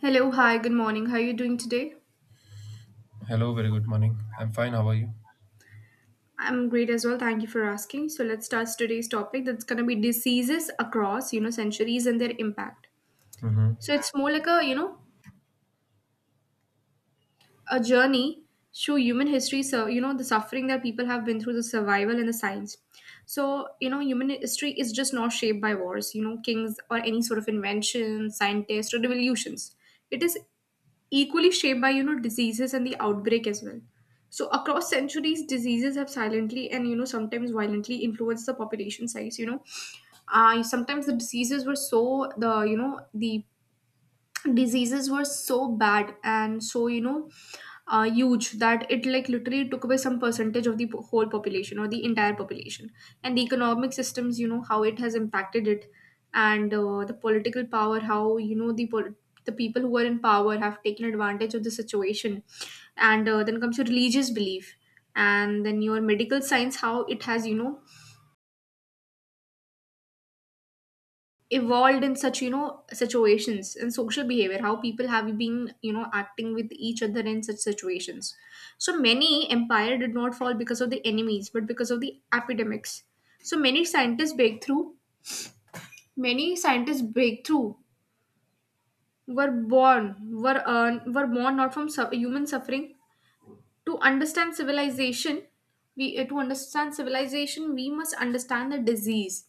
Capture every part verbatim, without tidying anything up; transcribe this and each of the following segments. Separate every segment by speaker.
Speaker 1: Hello, hi, good morning. How are you doing today?
Speaker 2: Hello, very good morning. I'm fine. How are you?
Speaker 1: I'm great as well. Thank you for asking. So let's start today's topic. That's gonna be diseases across, you know, centuries and their impact.
Speaker 2: Mm-hmm.
Speaker 1: So it's more like a, you know, a journey through human history. So you know, the suffering that people have been through, the survival and the science. So you know, human history is just not shaped by wars, you know, kings or any sort of invention, scientists or revolutions. It is equally shaped by you know diseases and the outbreak as well. So across centuries, diseases have silently and you know sometimes violently influenced the population size, you know uh, sometimes the diseases were so the you know the diseases were so bad and so you know uh, huge that it like literally took away some percentage of the po- whole population or the entire population. And the economic systems, you know how it has impacted it. And uh, the political power, how you know the pol- the people who are in power have taken advantage of the situation. And uh, then comes your religious belief, and then your medical science, how it has you know evolved in such you know situations, and social behavior, how people have been you know acting with each other in such situations. So many empire did not fall because of the enemies, but because of the epidemics. So many scientists breakthrough many scientists breakthrough were born were uh, were born not from su- human suffering. To understand civilization, we uh, to understand civilization, we must understand the disease.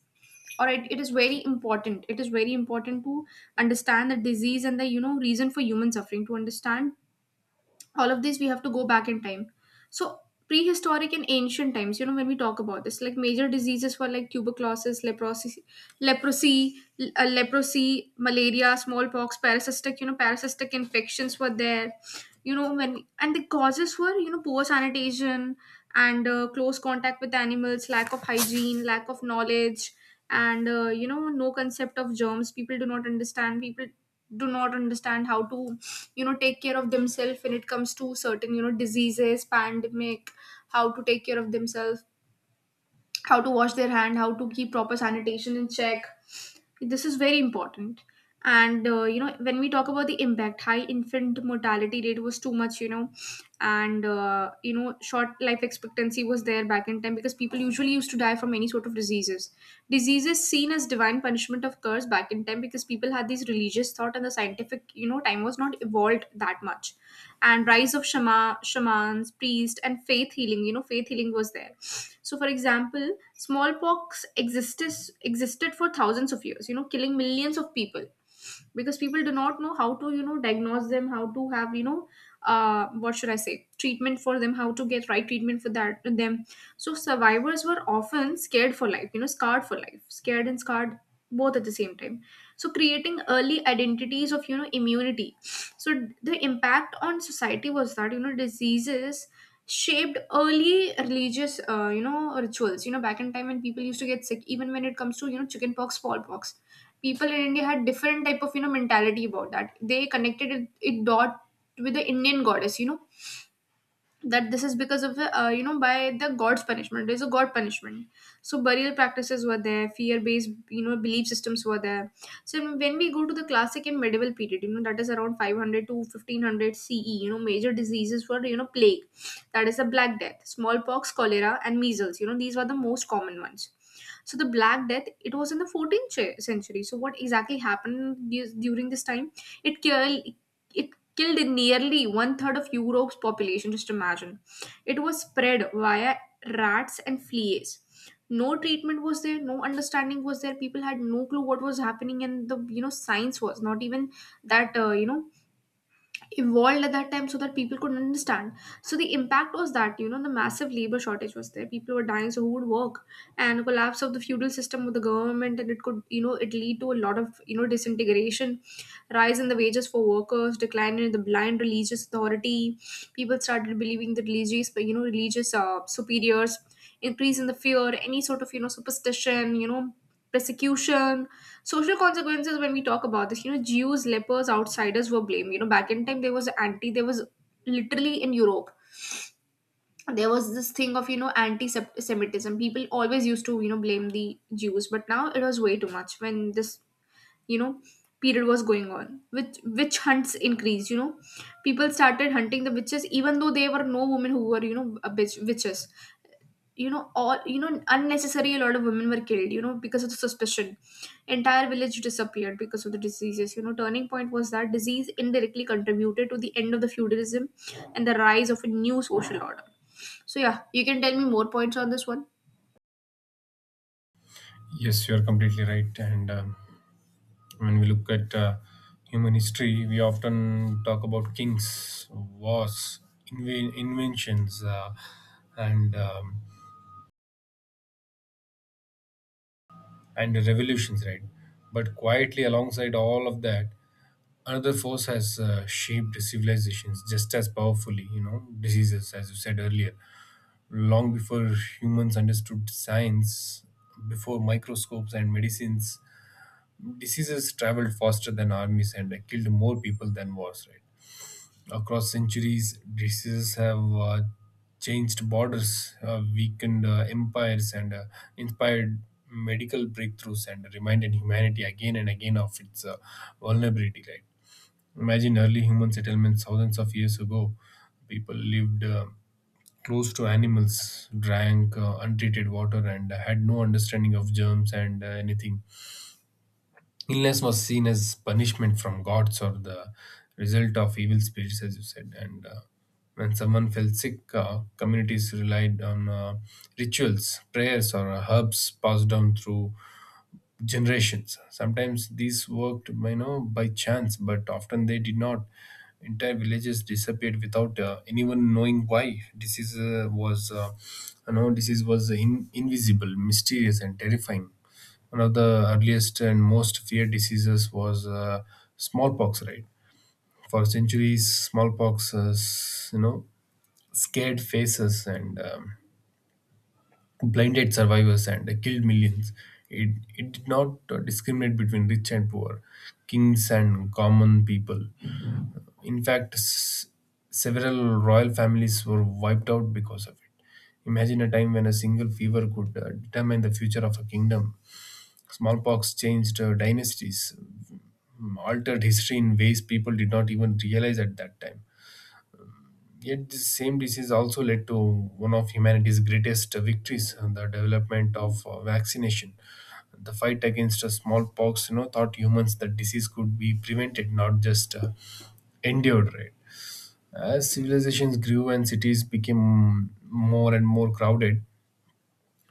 Speaker 1: Or it it is very important, it is very important to understand the disease and the you know reason for human suffering. To understand all of these, we have to go back in time. So prehistoric and ancient times, you know, when we talk about this, like major diseases were like tuberculosis, leprosy, leprosy l- uh, leprosy, malaria, smallpox, parasitic, you know, parasitic infections were there, you know. When and the causes were, you know, poor sanitation and uh, close contact with animals, lack of hygiene, lack of knowledge, and uh, you know, no concept of germs. People do not understand, people do not understand how to you know take care of themselves when it comes to certain you know diseases, pandemic, how to take care of themselves, how to wash their hand, how to keep proper sanitation in check. This is very important. And uh, you know, when we talk about the impact, high infant mortality rate was too much, you know. And uh, you know, short life expectancy was there back in time because people usually used to die from any sort of diseases. Diseases seen as divine punishment of curse back in time because people had these religious thought and the scientific you know time was not evolved that much. And rise of shama, shamans, priest, and faith healing. You know, faith healing was there. So, for example, smallpox existed existed for thousands of years, you know, killing millions of people because people do not know how to you know diagnose them, how to have you know, uh, what should I say, treatment for them, how to get right treatment for that them. So survivors were often scared for life. You know, scarred for life, scared and scarred both at the same time, so creating early identities of you know immunity. So the impact on society was that you know diseases shaped early religious uh, you know rituals, you know, back in time when people used to get sick, even when it comes to you know chickenpox, smallpox, people in India had different type of you know mentality about that. They connected it, it dot with the Indian goddess, you know, that this is because of the uh, you know, by the god's punishment, there's a god punishment. So burial practices were there, fear based you know belief systems were there. So when we go to the classic and medieval period, you know, that is around five hundred to fifteen hundred CE, you know, major diseases were you know plague, that is the Black Death, smallpox, cholera, and measles. You know, these were the most common ones. So the Black Death, it was in the fourteenth ch- century. So what exactly happened du- during this time? It killed it killed nearly one third of Europe's population. Just imagine. It was spread via rats and fleas. No treatment was there, no understanding was there. People had no clue what was happening, and the you know science was not even that uh, you know evolved at that time so that people could understand. So the impact was that, you know, the massive labor shortage was there. People were dying, so who would work? And collapse of the feudal system with the government, and it could, you know, it lead to a lot of, you know, disintegration, rise in the wages for workers, decline in the blind religious authority. People started believing the religious, you know, religious uh, superiors, increase in the fear, any sort of you know superstition, you know, persecution, social consequences. When we talk about this, you know, Jews, lepers, outsiders were blamed. You know, back in time there was anti, there was literally in Europe, there was this thing of you know anti-semitism. People always used to you know blame the Jews, but now it was way too much. When this you know period was going on, which witch hunts increased, you know, people started hunting the witches, even though there were no women who were you know a bitch, witches, you know, all you know unnecessary, a lot of women were killed, you know, because of the suspicion. Entire village disappeared because of the diseases, you know. Turning point was that disease indirectly contributed to the end of the feudalism and the rise of a new social order. So yeah, you can tell me more points on this one.
Speaker 2: Yes, you're completely right. And um, when we look at uh, human history, we often talk about kings, wars, inven- inventions, uh, and um, and revolutions, right? But quietly, alongside all of that, another force has uh, shaped civilizations just as powerfully. You know, diseases, as you said earlier, long before humans understood science, before microscopes and medicines. Diseases traveled faster than armies and uh, killed more people than wars, right? Across centuries, diseases have uh, changed borders, uh, weakened uh, empires, and uh, inspired medical breakthroughs, and reminded humanity again and again of its uh, vulnerability, right? Imagine early human settlements thousands of years ago. People lived uh, close to animals, drank uh, untreated water, and had no understanding of germs and uh, anything. Illness was seen as punishment from gods or the result of evil spirits, as you said. And uh, when someone fell sick, uh, communities relied on uh, rituals, prayers, or uh, herbs passed down through generations. Sometimes these worked, you know, by chance, but often they did not. Entire villages disappeared without uh, anyone knowing why. Disease uh, was, uh, you know, disease was in, invisible, mysterious, and terrifying. One of the earliest and most feared diseases was uh, smallpox, right? For centuries, smallpox uh, s- you know, scared faces and um, blinded survivors and killed millions. It, it did not uh, discriminate between rich and poor, kings and common people. In fact, s- several royal families were wiped out because of it. Imagine a time when a single fever could uh, determine the future of a kingdom. Smallpox changed uh, dynasties, altered history in ways people did not even realize at that time. Yet, this same disease also led to one of humanity's greatest victories, uh, the development of uh, vaccination. The fight against uh, smallpox, you know, taught humans that disease could be prevented, not just uh, endured. Right? As civilizations grew and cities became more and more crowded,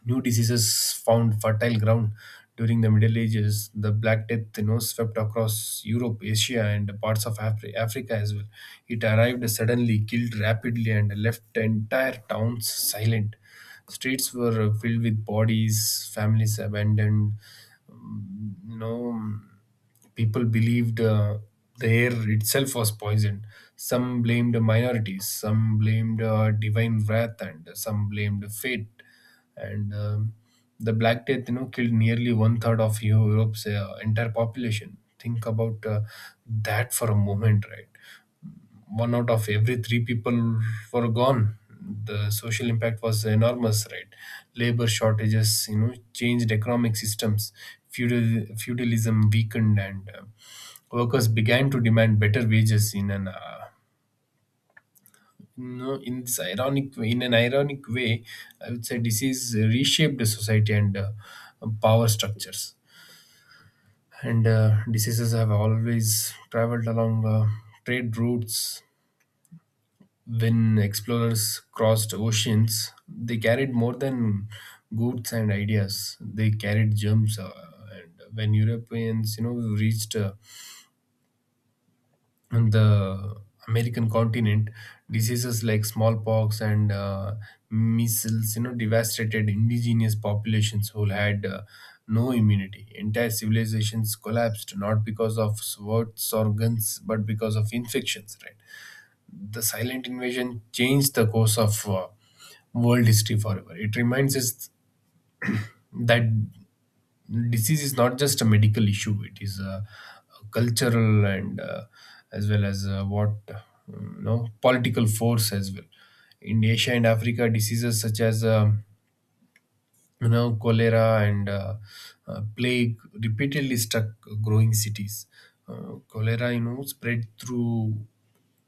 Speaker 2: new diseases found fertile ground during the Middle Ages. The Black Death, you know, swept across Europe, Asia, and parts of Afri- Africa as well. It arrived suddenly, killed rapidly, and left entire towns silent. Streets were filled with bodies, families abandoned. you know People believed uh, the air itself was poisoned. Some blamed minorities, some blamed uh, divine wrath, and some blamed fate, and um, the Black Death you know killed nearly one third of Eu- europe's uh, entire population. Think about uh, that for a moment, right? One out of every three people were gone. The social impact was enormous, right? Labor shortages, you know, changed economic systems, feudal feudalism weakened, and uh, workers began to demand better wages. In an uh, no, in this ironic in an ironic way, I would say, disease reshaped the society and uh, power structures. And uh, diseases have always traveled along uh, trade routes. When explorers crossed oceans, they carried more than goods and ideas. They carried germs. Uh, and when Europeans, you know, reached uh, the American continent, diseases like smallpox and uh, measles, you know, devastated indigenous populations who had uh, no immunity. Entire civilizations collapsed not because of swords or guns, but because of infections, right? The silent invasion changed the course of uh, world history forever. It reminds us that disease is not just a medical issue, it is a, a cultural and, uh, as well as, uh, what, uh, you know, political force as well. In Asia and Africa, diseases such as um you know cholera and uh, uh, plague repeatedly struck growing cities. Uh, cholera, you know spread through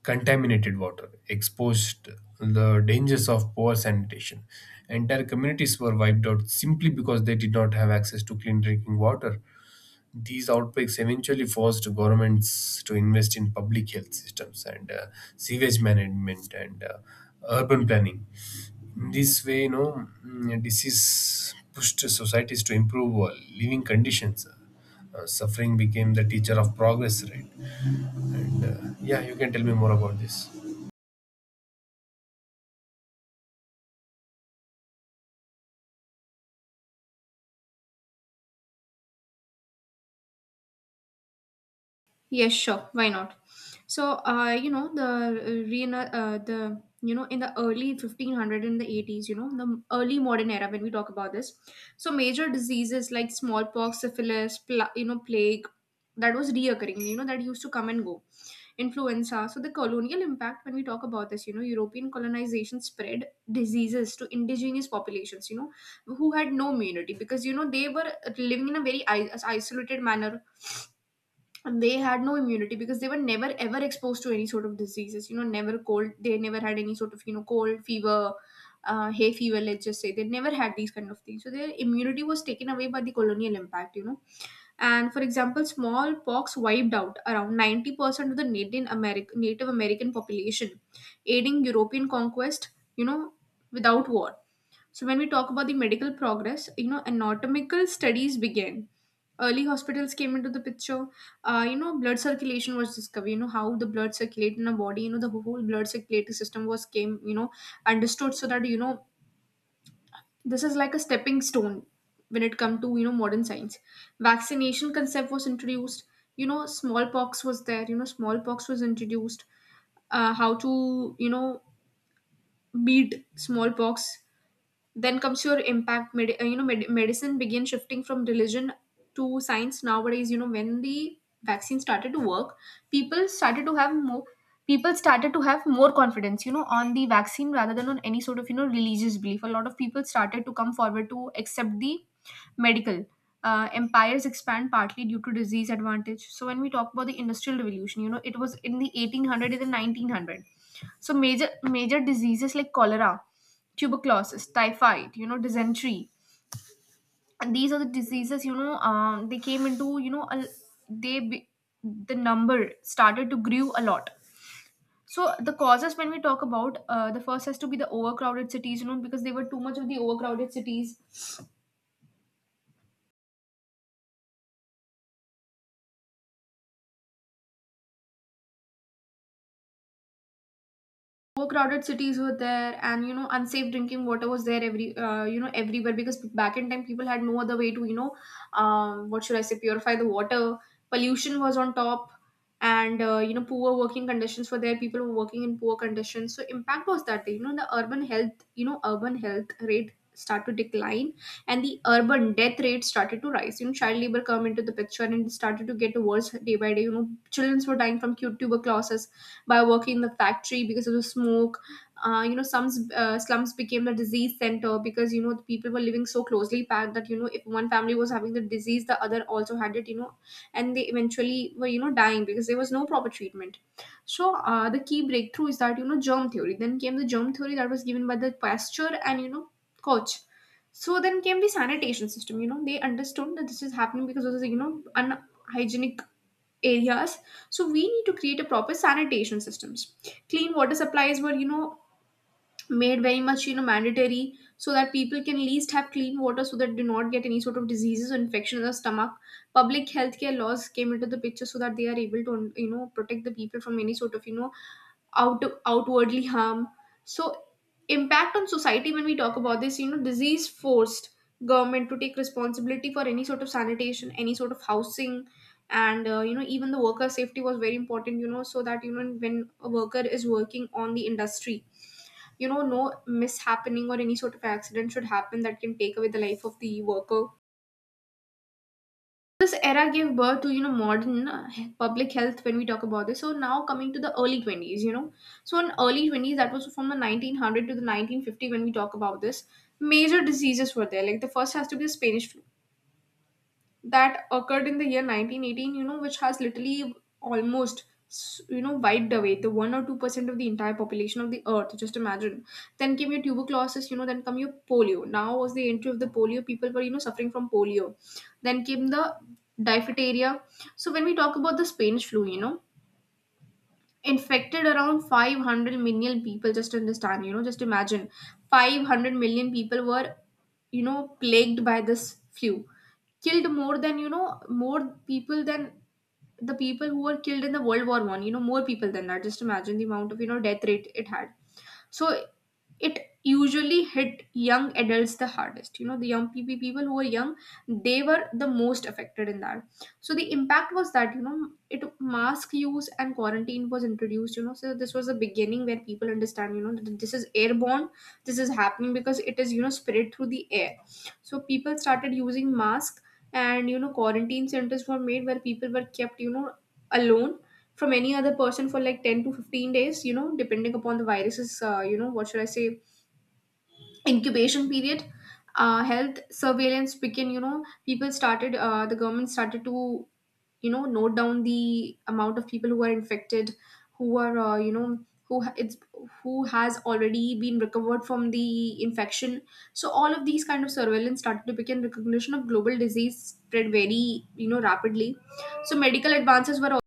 Speaker 2: contaminated water, exposed the dangers of poor sanitation. Entire communities were wiped out simply because they did not have access to clean drinking water. These outbreaks eventually forced governments to invest in public health systems and uh, sewage management and uh, urban planning. This way, you know, mm, disease pushed societies to improve uh, living conditions. Uh, suffering became the teacher of progress, right? And uh, yeah, you can tell me more about this.
Speaker 1: Yes, sure. Why not? So, uh, you know, the uh, reina- uh, the you know, in the early fifteen hundred and the eighties, you know, the early modern era when we talk about this, so major diseases like smallpox, syphilis, pla- you know, plague, that was reoccurring. You know, that used to come and go. Influenza. So the colonial impact, when we talk about this, you know, European colonization spread diseases to indigenous populations, you know, who had no immunity because you know they were living in a very i- isolated manner, and they had no immunity because they were never ever exposed to any sort of diseases, you know. Never cold, they never had any sort of you know cold fever, uh, hay fever, let's just say they never had these kind of things. So their immunity was taken away by the colonial impact, you know. And for example, smallpox wiped out around ninety percent of the native american native american population, aiding European conquest, you know, without war. So when we talk about the medical progress, you know, anatomical studies began, early hospitals came into the picture. Uh, you know, blood circulation was discovered, you know, how the blood circulate in a body, you know, the whole blood circulatory system was came, you know, understood. So that you know this is like a stepping stone when it come to you know modern science. Vaccination concept was introduced, you know. Smallpox was there, you know, smallpox was introduced. Uh, how to you know beat smallpox. Then comes your impact, med- uh, you know, med- medicine began shifting from religion to science. Nowadays, you know, when the vaccine started to work, people started to have more people started to have more confidence, you know, on the vaccine rather than on any sort of you know religious belief. A lot of people started to come forward to accept the medical. Uh, empires expand partly due to disease advantage. So when we talk about the industrial revolution, you know, it was in the eighteen hundred and the nineteen hundreds, so major major diseases like cholera, tuberculosis, typhoid, you know, dysentery. And these are the diseases, you know, um, they came into, you know, a, they be, the number started to grew a lot. So the causes when we talk about, uh, the first has to be the overcrowded cities, you know, because they were too much of the overcrowded cities. Overcrowded cities were there and you know unsafe drinking water was there every uh, you know everywhere because back in time people had no other way to, you know um, what should I say, purify the water. Pollution was on top. And uh, you know poor working conditions were there. People were working in poor conditions. So impact was that you know the urban health you know urban health rate start to decline and the urban death rate started to rise. You know child labor come into the picture and it started to get worse day by day. You know children were dying from tuberculosis by working in the factory because of the smoke. Uh, you know, some uh, Slums became the disease center because you know the people were living so closely packed that you know if one family was having the disease, the other also had it. You know, and they eventually were you know dying because there was no proper treatment. So uh, the key breakthrough is that you know germ theory. Then came the germ theory that was given by the Pasteur and you know Koch. So then came the sanitation system. You know they understood that this is happening because of the you know unhygienic areas. So we need to create a proper sanitation systems. Clean water supplies were you know made very much you know mandatory so that people can least have clean water so that do not get any sort of diseases or infection in the stomach. Public health care laws came into the picture so that they are able to you know protect the people from any sort of you know out outwardly harm. So impact on society when we talk about this, you know disease forced government to take responsibility for any sort of sanitation, any sort of housing. And uh, you know even the worker safety was very important, you know so that you know when a worker is working on the industry, you know no mishappening or any sort of accident should happen that can take away the life of the worker. This era gave birth to you know modern uh, he- public health when we talk about this. So now coming to the early twenties, you know, so in early twenties that was from the nineteen hundred to the nineteen fifty when we talk about this, major diseases were there. Like the first has to be the Spanish flu that occurred in the year nineteen eighteen, you know, which has literally almost, you know, wiped away the one or two percent of the entire population of the earth. Just imagine. Then came your tuberculosis, you know, then come your polio. Now was the entry of the polio. People were, you know, suffering from polio. Then came the diphtheria. So when we talk about the Spanish flu, you know, infected around five hundred million people. Just understand, you know, just imagine five hundred million people were, you know, plagued by this flu. Killed more than, you know, more people than the people who were killed in the World War One. You know, more people than that. Just imagine the amount of, you know, death rate it had. So it usually hit young adults the hardest. You know the young people, people who were young, they were the most affected in that. So the impact was that you know it mask use and quarantine was introduced. You know so this was the beginning where people understand you know that this is airborne. This is happening because it is you know spread through the air. So people started using masks and you know quarantine centers were made where people were kept you know alone from any other person for like ten to fifteen days you know depending upon the virus's, uh, you know what should I say, incubation period. Uh, health surveillance began. You know people started, uh, the government started to you know note down the amount of people who are infected, who are, uh, you know who ha- it's who has already been recovered from the infection. So all of these kind of surveillance started to begin. Recognition of global disease spread very you know rapidly. So medical advances were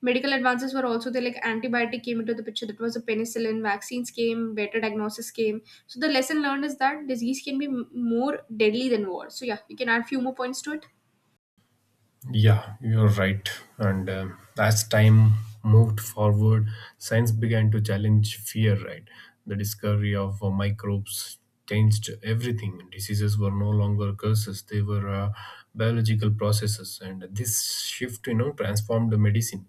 Speaker 1: Medical advances were also there, like antibiotic came into the picture, that was a penicillin, vaccines came, better diagnosis came. So the lesson learned is that disease can be m- more deadly than war. So yeah, you can add few more points to it.
Speaker 2: Yeah, you're right. And um as time moved forward, science began to challenge fear, right? The discovery of uh, microbes changed everything. Diseases were no longer curses, they were uh, biological processes. And this shift, you know, transformed the medicine.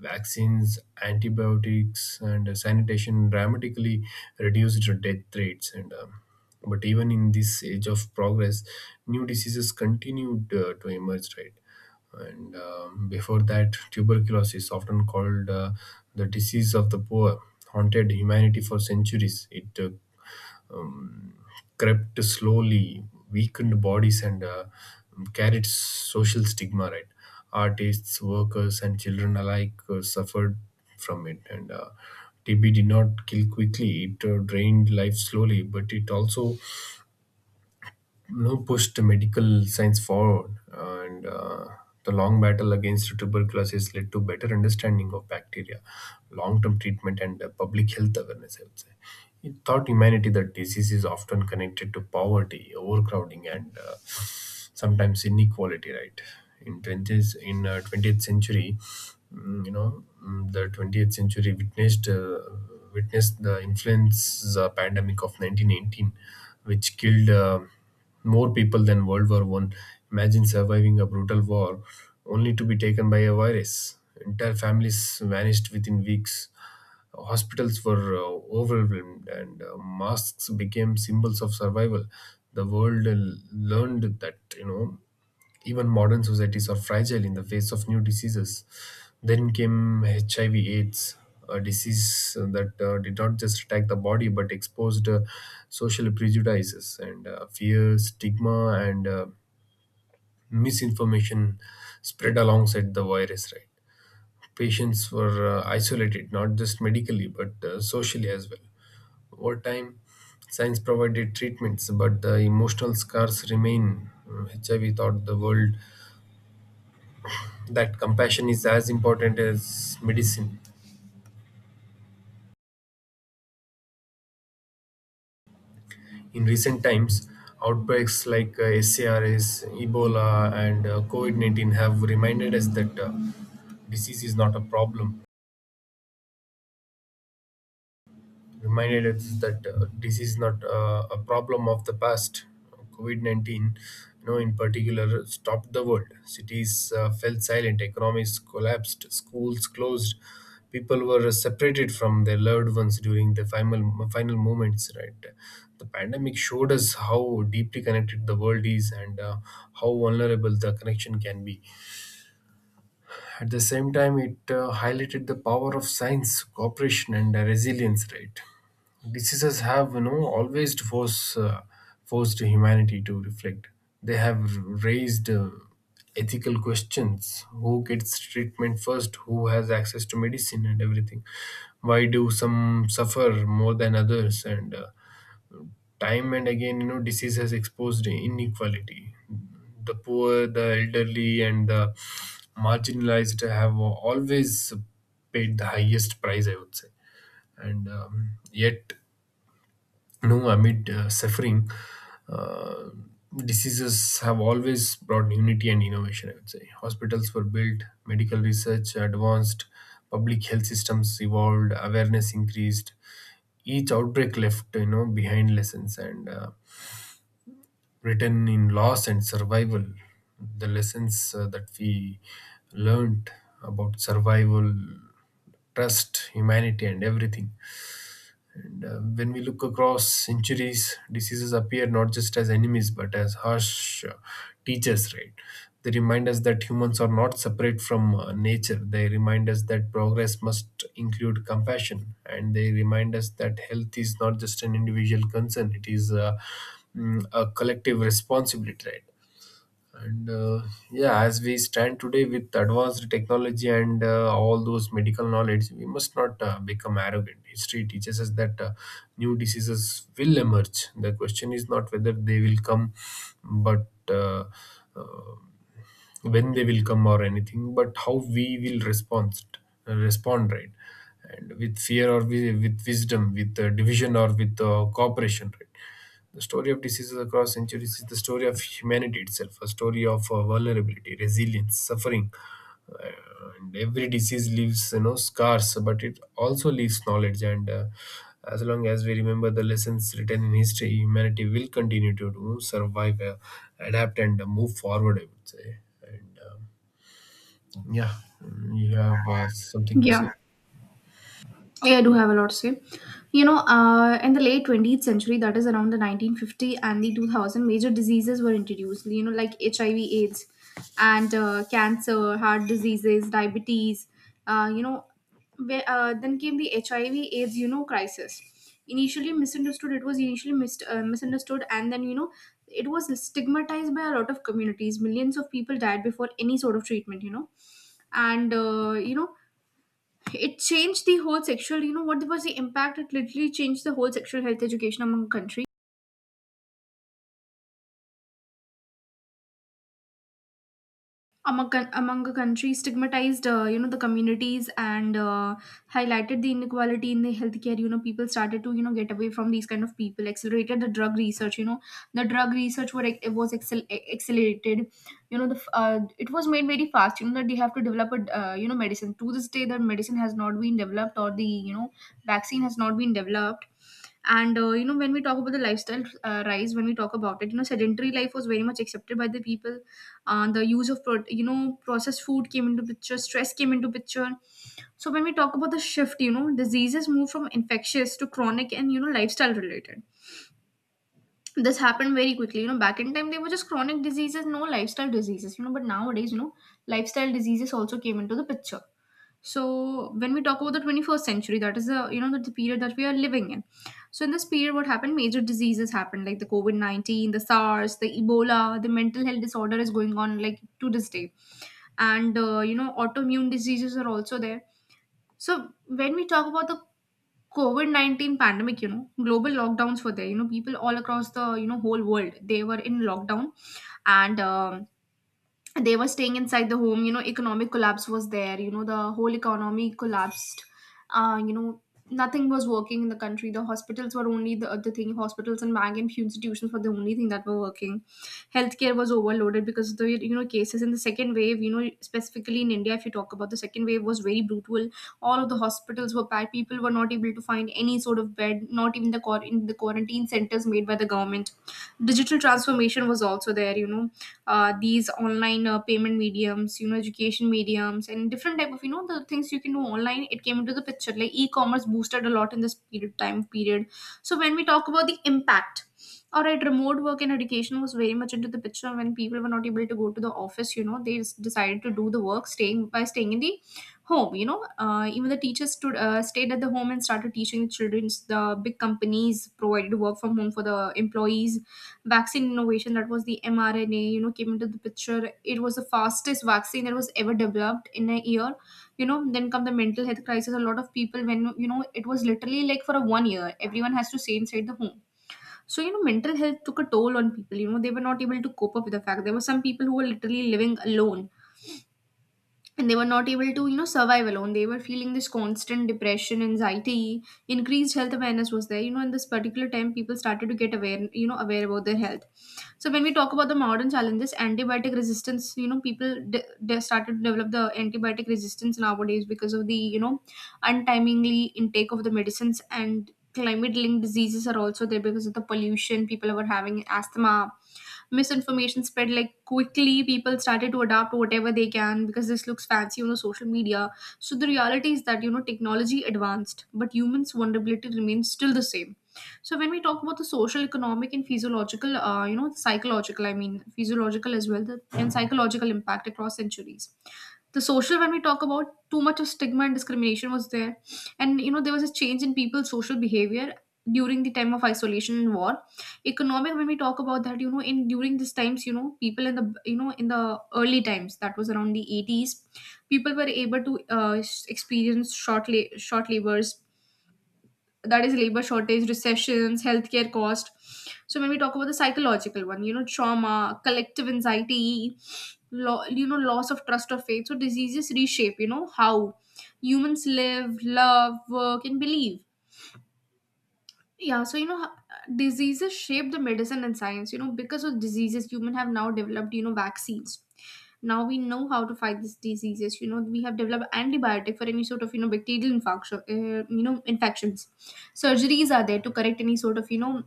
Speaker 2: Vaccines, antibiotics, and sanitation dramatically reduced death rates. And um, but even in this age of progress, new diseases continued uh, to emerge. Right, and um, before that, tuberculosis, often called uh, the disease of the poor, haunted humanity for centuries. It uh, crept slowly, weakened bodies, and uh, carried social stigma, right? Artists, workers, and children alike uh, suffered from it. And uh, T B did not kill quickly, it uh, drained life slowly, but it also you know, pushed medical science forward, and uh, the long battle against tuberculosis led to better understanding of bacteria, long-term treatment, and uh, public health awareness, I would say. It taught humanity that disease is often connected to poverty, overcrowding, and uh, sometimes inequality. Right? In twentieth, in uh, twentieth century, mm, you know, mm, the twentieth century witnessed. Uh, witnessed the influenza pandemic of nineteen eighteen, which killed uh, more people than World War One. Imagine surviving a brutal war only to be taken by a virus. Entire families vanished within weeks. Hospitals were uh, overwhelmed, and uh, masks became symbols of survival. The world uh, learned that you know even modern societies are fragile in the face of new diseases. Then came H I V/AIDS, a disease that uh, did not just attack the body but exposed uh, social prejudices and uh, fear, stigma, and uh, misinformation spread alongside the virus. Right, patients were uh, isolated not just medically but uh, socially as well. Over time, science provided treatments, but the emotional scars remain. Uh, H I V taught the world that compassion is as important as medicine. In recent times, outbreaks like uh, SARS, Ebola, and uh, COVID nineteen have reminded us that uh, disease is not a problem, reminded us that uh, this is not uh, a problem of the past. COVID nineteen, you know, in particular, stopped the world. Cities uh, fell silent, economies collapsed, schools closed, people were separated from their loved ones during the final, final moments, right? The pandemic showed us how deeply connected the world is and uh, how vulnerable the connection can be. At the same time, it uh, highlighted the power of science, cooperation, and uh, resilience. Right, diseases have you know always force uh, forced humanity to reflect. They have raised uh, ethical questions: who gets treatment first, who has access to medicine, and everything. Why do some suffer more than others, and uh, time and again, you know disease has exposed inequality. The poor, the elderly, and the marginalized have always paid the highest price, I would say. And um, yet, you know amid uh, suffering, uh, diseases have always brought unity and innovation, I would say. Hospitals were built, medical research advanced, public health systems evolved, awareness increased. Each outbreak left you know behind lessons and, uh, written in loss and survival. The lessons uh, that we learned about survival, trust, humanity, and everything. And uh, when we look across centuries, diseases appear not just as enemies but as harsh uh, teachers, right? They remind us that humans are not separate from uh, nature. They remind us that progress must include compassion. And they remind us that health is not just an individual concern, it is, uh, mm, a collective responsibility, right? And uh, yeah, as we stand today with advanced technology and uh, all those medical knowledge, we must not uh, become arrogant. History teaches us that uh, new diseases will emerge. The question is not whether they will come, but uh, uh, when they will come, or anything, but how we will respond respond, right? And with fear, or with, with wisdom, with uh, division, or with uh, cooperation, right? The story of diseases across centuries is the story of humanity itself, a story of uh, vulnerability, resilience, suffering. And every disease leaves, you know scars, but it also leaves knowledge. And uh, as long as we remember the lessons written in history, humanity will continue to do, survive, uh, adapt, and uh, move forward, I would say. And um, yeah. Mm, you have uh, something to say?
Speaker 1: Yeah. Yeah, I do have a lot to say. You know, uh, in the late twentieth century, that is around the nineteen fifty and the two thousand, major diseases were introduced, you know, like H I V, AIDS, and uh, cancer, heart diseases, diabetes. Uh, you know, where, uh, then came the H I V, AIDS, you know, crisis. Initially misunderstood, it was initially mist, uh, misunderstood, and then, you know, it was stigmatized by a lot of communities. Millions of people died before any sort of treatment, you know and uh, you know it changed the whole sexual, you know what was the impact, it literally changed the whole sexual health education among countries, among, among a country. Stigmatized uh, you know the communities, and uh, highlighted the inequality in the healthcare. You know people started to you know get away from these kind of people. Accelerated the drug research. You know the drug research, were it was excel- e, accelerated. You know the f- uh, it was made very fast, you know that they have to develop a uh, you know medicine. To this day the medicine has not been developed or the you know vaccine has not been developed. And uh, you know when we talk about the lifestyle uh, rise, when we talk about it, you know sedentary life was very much accepted by the people. Uh, the use of pro- you know processed food came into picture. Stress came into picture. So when we talk about the shift, you know diseases move from infectious to chronic and you know lifestyle related. This happened very quickly. You know back in time they were just chronic diseases, no lifestyle diseases. You know but nowadays you know lifestyle diseases also came into the picture. So when we talk about the twenty-first century, that is the you know the, the period that we are living in. So in this period what happened, major diseases happened like the COVID nineteen, the sars, the ebola, the mental health disorder is going on like to this day. And uh, you know autoimmune diseases are also there. So when we talk about the COVID nineteen pandemic, you know global lockdowns were there. You know people all across the you know whole world, they were in lockdown. And um, they were staying inside the home. You know economic collapse was there. You know the whole economy collapsed. uh, you know Nothing was working in the country. The hospitals were only the, the thing. Hospitals and bank and few institutions were the only thing that were working. Healthcare was overloaded because of the you know cases in the second wave. You know specifically in India, if you talk about, the second wave was very brutal. All of the hospitals were packed. People were not able to find any sort of bed, not even the, quar- in the quarantine centers made by the government. Digital transformation was also there. You know uh, these online uh, payment mediums, you know education mediums and different type of you know the things you can do online, it came into the picture. Like e-commerce boosted a lot in this period, time period. So when we talk about the impact, all right, remote work and education was very much into the picture. When people were not able to go to the office, you know they just decided to do the work staying by staying in the home. You know uh, even the teachers stood, uh, stayed at the home and started teaching the children. The big companies provided work from home for the employees. Vaccine innovation, that was the mRNA, you know came into the picture. It was the fastest vaccine that was ever developed in a year. You know then come the mental health crisis. A lot of people, when you know it was literally like for a one year everyone has to stay inside the home. So you know mental health took a toll on people. You know they were not able to cope up with the fact. There were some people who were literally living alone and they were not able to you know survive alone. They were feeling this constant depression, anxiety. Increased health awareness was there. You know in this particular time people started to get aware, you know aware about their health. So when we talk about the modern challenges, antibiotic resistance, you know, people de- de- started to develop the antibiotic resistance nowadays because of the you know untimely intake of the medicines. And climate linked diseases are also there because of the pollution. People were having asthma. Misinformation spread like quickly. People started to adapt whatever they can because this looks fancy on social media. So the reality is that you know technology advanced but humans vulnerability remains still the same. So when we talk about the social, economic and physiological, uh, you know psychological, I mean physiological as well, the, and psychological impact across centuries. The social, when we talk about, too much of stigma and discrimination was there. And you know there was a change in people's social behavior during the time of isolation and war. Economic, when we talk about that, you know in during these times, you know people in the you know in the early times, that was around the eighties, people were able to uh, experience short la- short labors, that is labor shortage, recessions, healthcare cost. So when we talk about the psychological one, you know trauma, collective anxiety, lo- you know loss of trust or faith. So diseases reshape you know how humans live, love, work and believe. Yeah, so you know h- diseases shape the medicine and science. You know because of diseases human have now developed you know vaccines. Now we know how to fight these diseases. You know we have developed antibiotic for any sort of you know bacterial infection, uh, you know infections. Surgeries are there to correct any sort of you know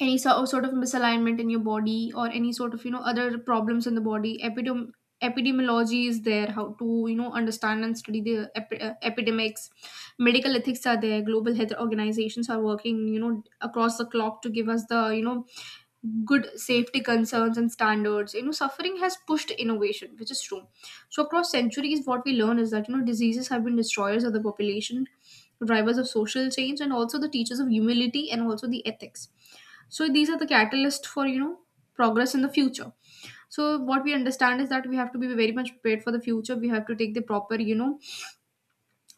Speaker 1: any so- sort of misalignment in your body or any sort of you know other problems in the body. Epidem- epidemiology is there. How to you know understand and study the epi- uh, epidemics. Medical ethics are there. Global health organizations are working you know across the clock to give us the you know good safety concerns and standards. You know suffering has pushed innovation, which is true. So across centuries what we learn is that you know diseases have been destroyers of the population, drivers of social change and also the teachers of humility and also the ethics. So these are the catalysts for you know progress in the future. So what we understand is that we have to be very much prepared for the future. We have to take the proper you know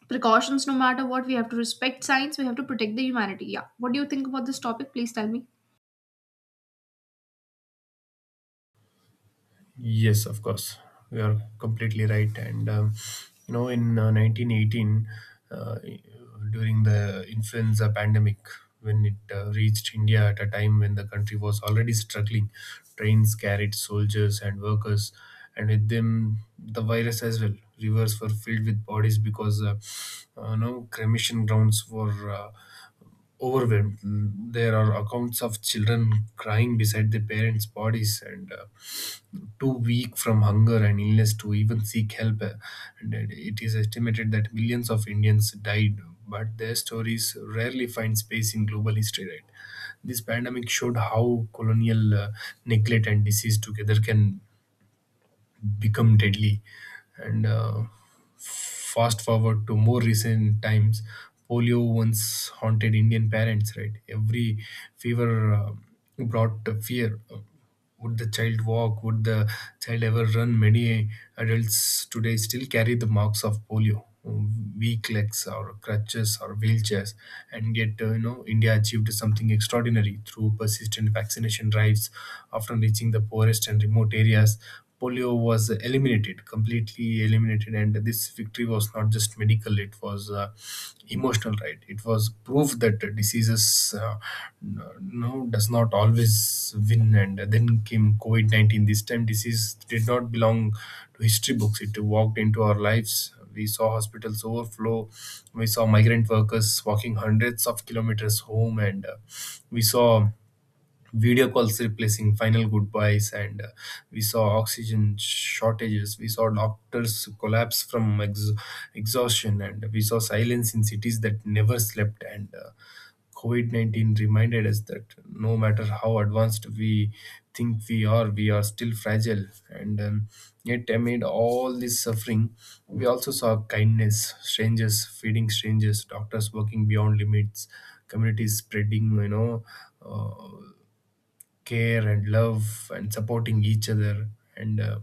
Speaker 1: precautions no matter what. We have to respect science. We have to protect the humanity. Yeah, what do you think about this topic? Please tell me.
Speaker 2: Yes, of course. You are completely right. And, um, you know, in uh, nineteen eighteen, uh, during the influenza pandemic, when it uh, reached India at a time when the country was already struggling, trains carried soldiers and workers, and with them, the virus as well. Rivers were filled with bodies because, uh, uh, no, cremation grounds were. Uh, overwhelmed. There are accounts of children crying beside their parents' bodies, and uh, too weak from hunger and illness to even seek help. Uh, And it is estimated that millions of Indians died, but their stories rarely find space in global history. Right? This pandemic showed how colonial uh, neglect and disease together can become deadly. And uh, fast forward to more recent times, polio once haunted Indian parents, right? Every fever uh, brought fear. Would the child walk? Would the child ever run? Many adults today still carry the marks of polio, weak legs or crutches or wheelchairs, and yet, uh, you know India achieved something extraordinary through persistent vaccination drives, often reaching the poorest and remote areas. Polio was eliminated, completely eliminated. And this victory was not just medical, it was uh, emotional, right? It was proof that uh, diseases uh, n- no, does not always win. And then came COVID nineteen. This time, disease did not belong to history books, it walked into our lives. We saw hospitals overflow. We saw migrant workers walking hundreds of kilometers home, and uh, we saw video calls replacing final goodbyes. And uh, we saw oxygen shortages, we saw doctors collapse from ex- exhaustion, and we saw silence in cities that never slept. And uh, COVID nineteen reminded us that no matter how advanced we think we are, we are still fragile. And um, yet, amid all this suffering, we also saw kindness, strangers feeding strangers, doctors working beyond limits, communities spreading, you know uh, care and love, and supporting each other. And uh,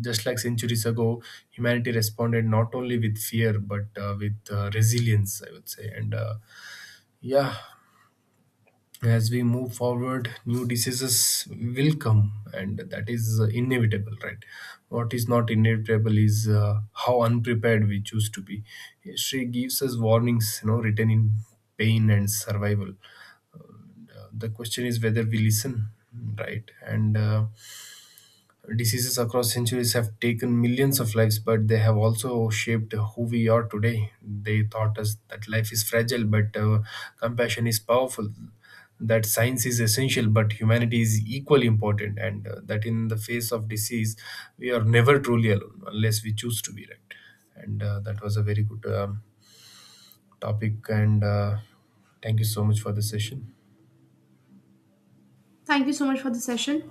Speaker 2: just like centuries ago, humanity responded not only with fear but uh, with uh, resilience, I would say. And uh, yeah, as we move forward, new diseases will come, and that is uh, inevitable, right? What is not inevitable is uh, how unprepared we choose to be. History gives us warnings, you know, written in pain and survival. Uh, the question is whether we listen, right? And uh, diseases across centuries have taken millions of lives, but they have also shaped who we are today. They taught us that life is fragile, but uh, compassion is powerful, that science is essential, but humanity is equally important, and uh, that in the face of disease, we are never truly alone unless we choose to be, right. And uh, that was a very good um, topic, and uh, thank you so much for the session.
Speaker 1: Thank you so much for the session.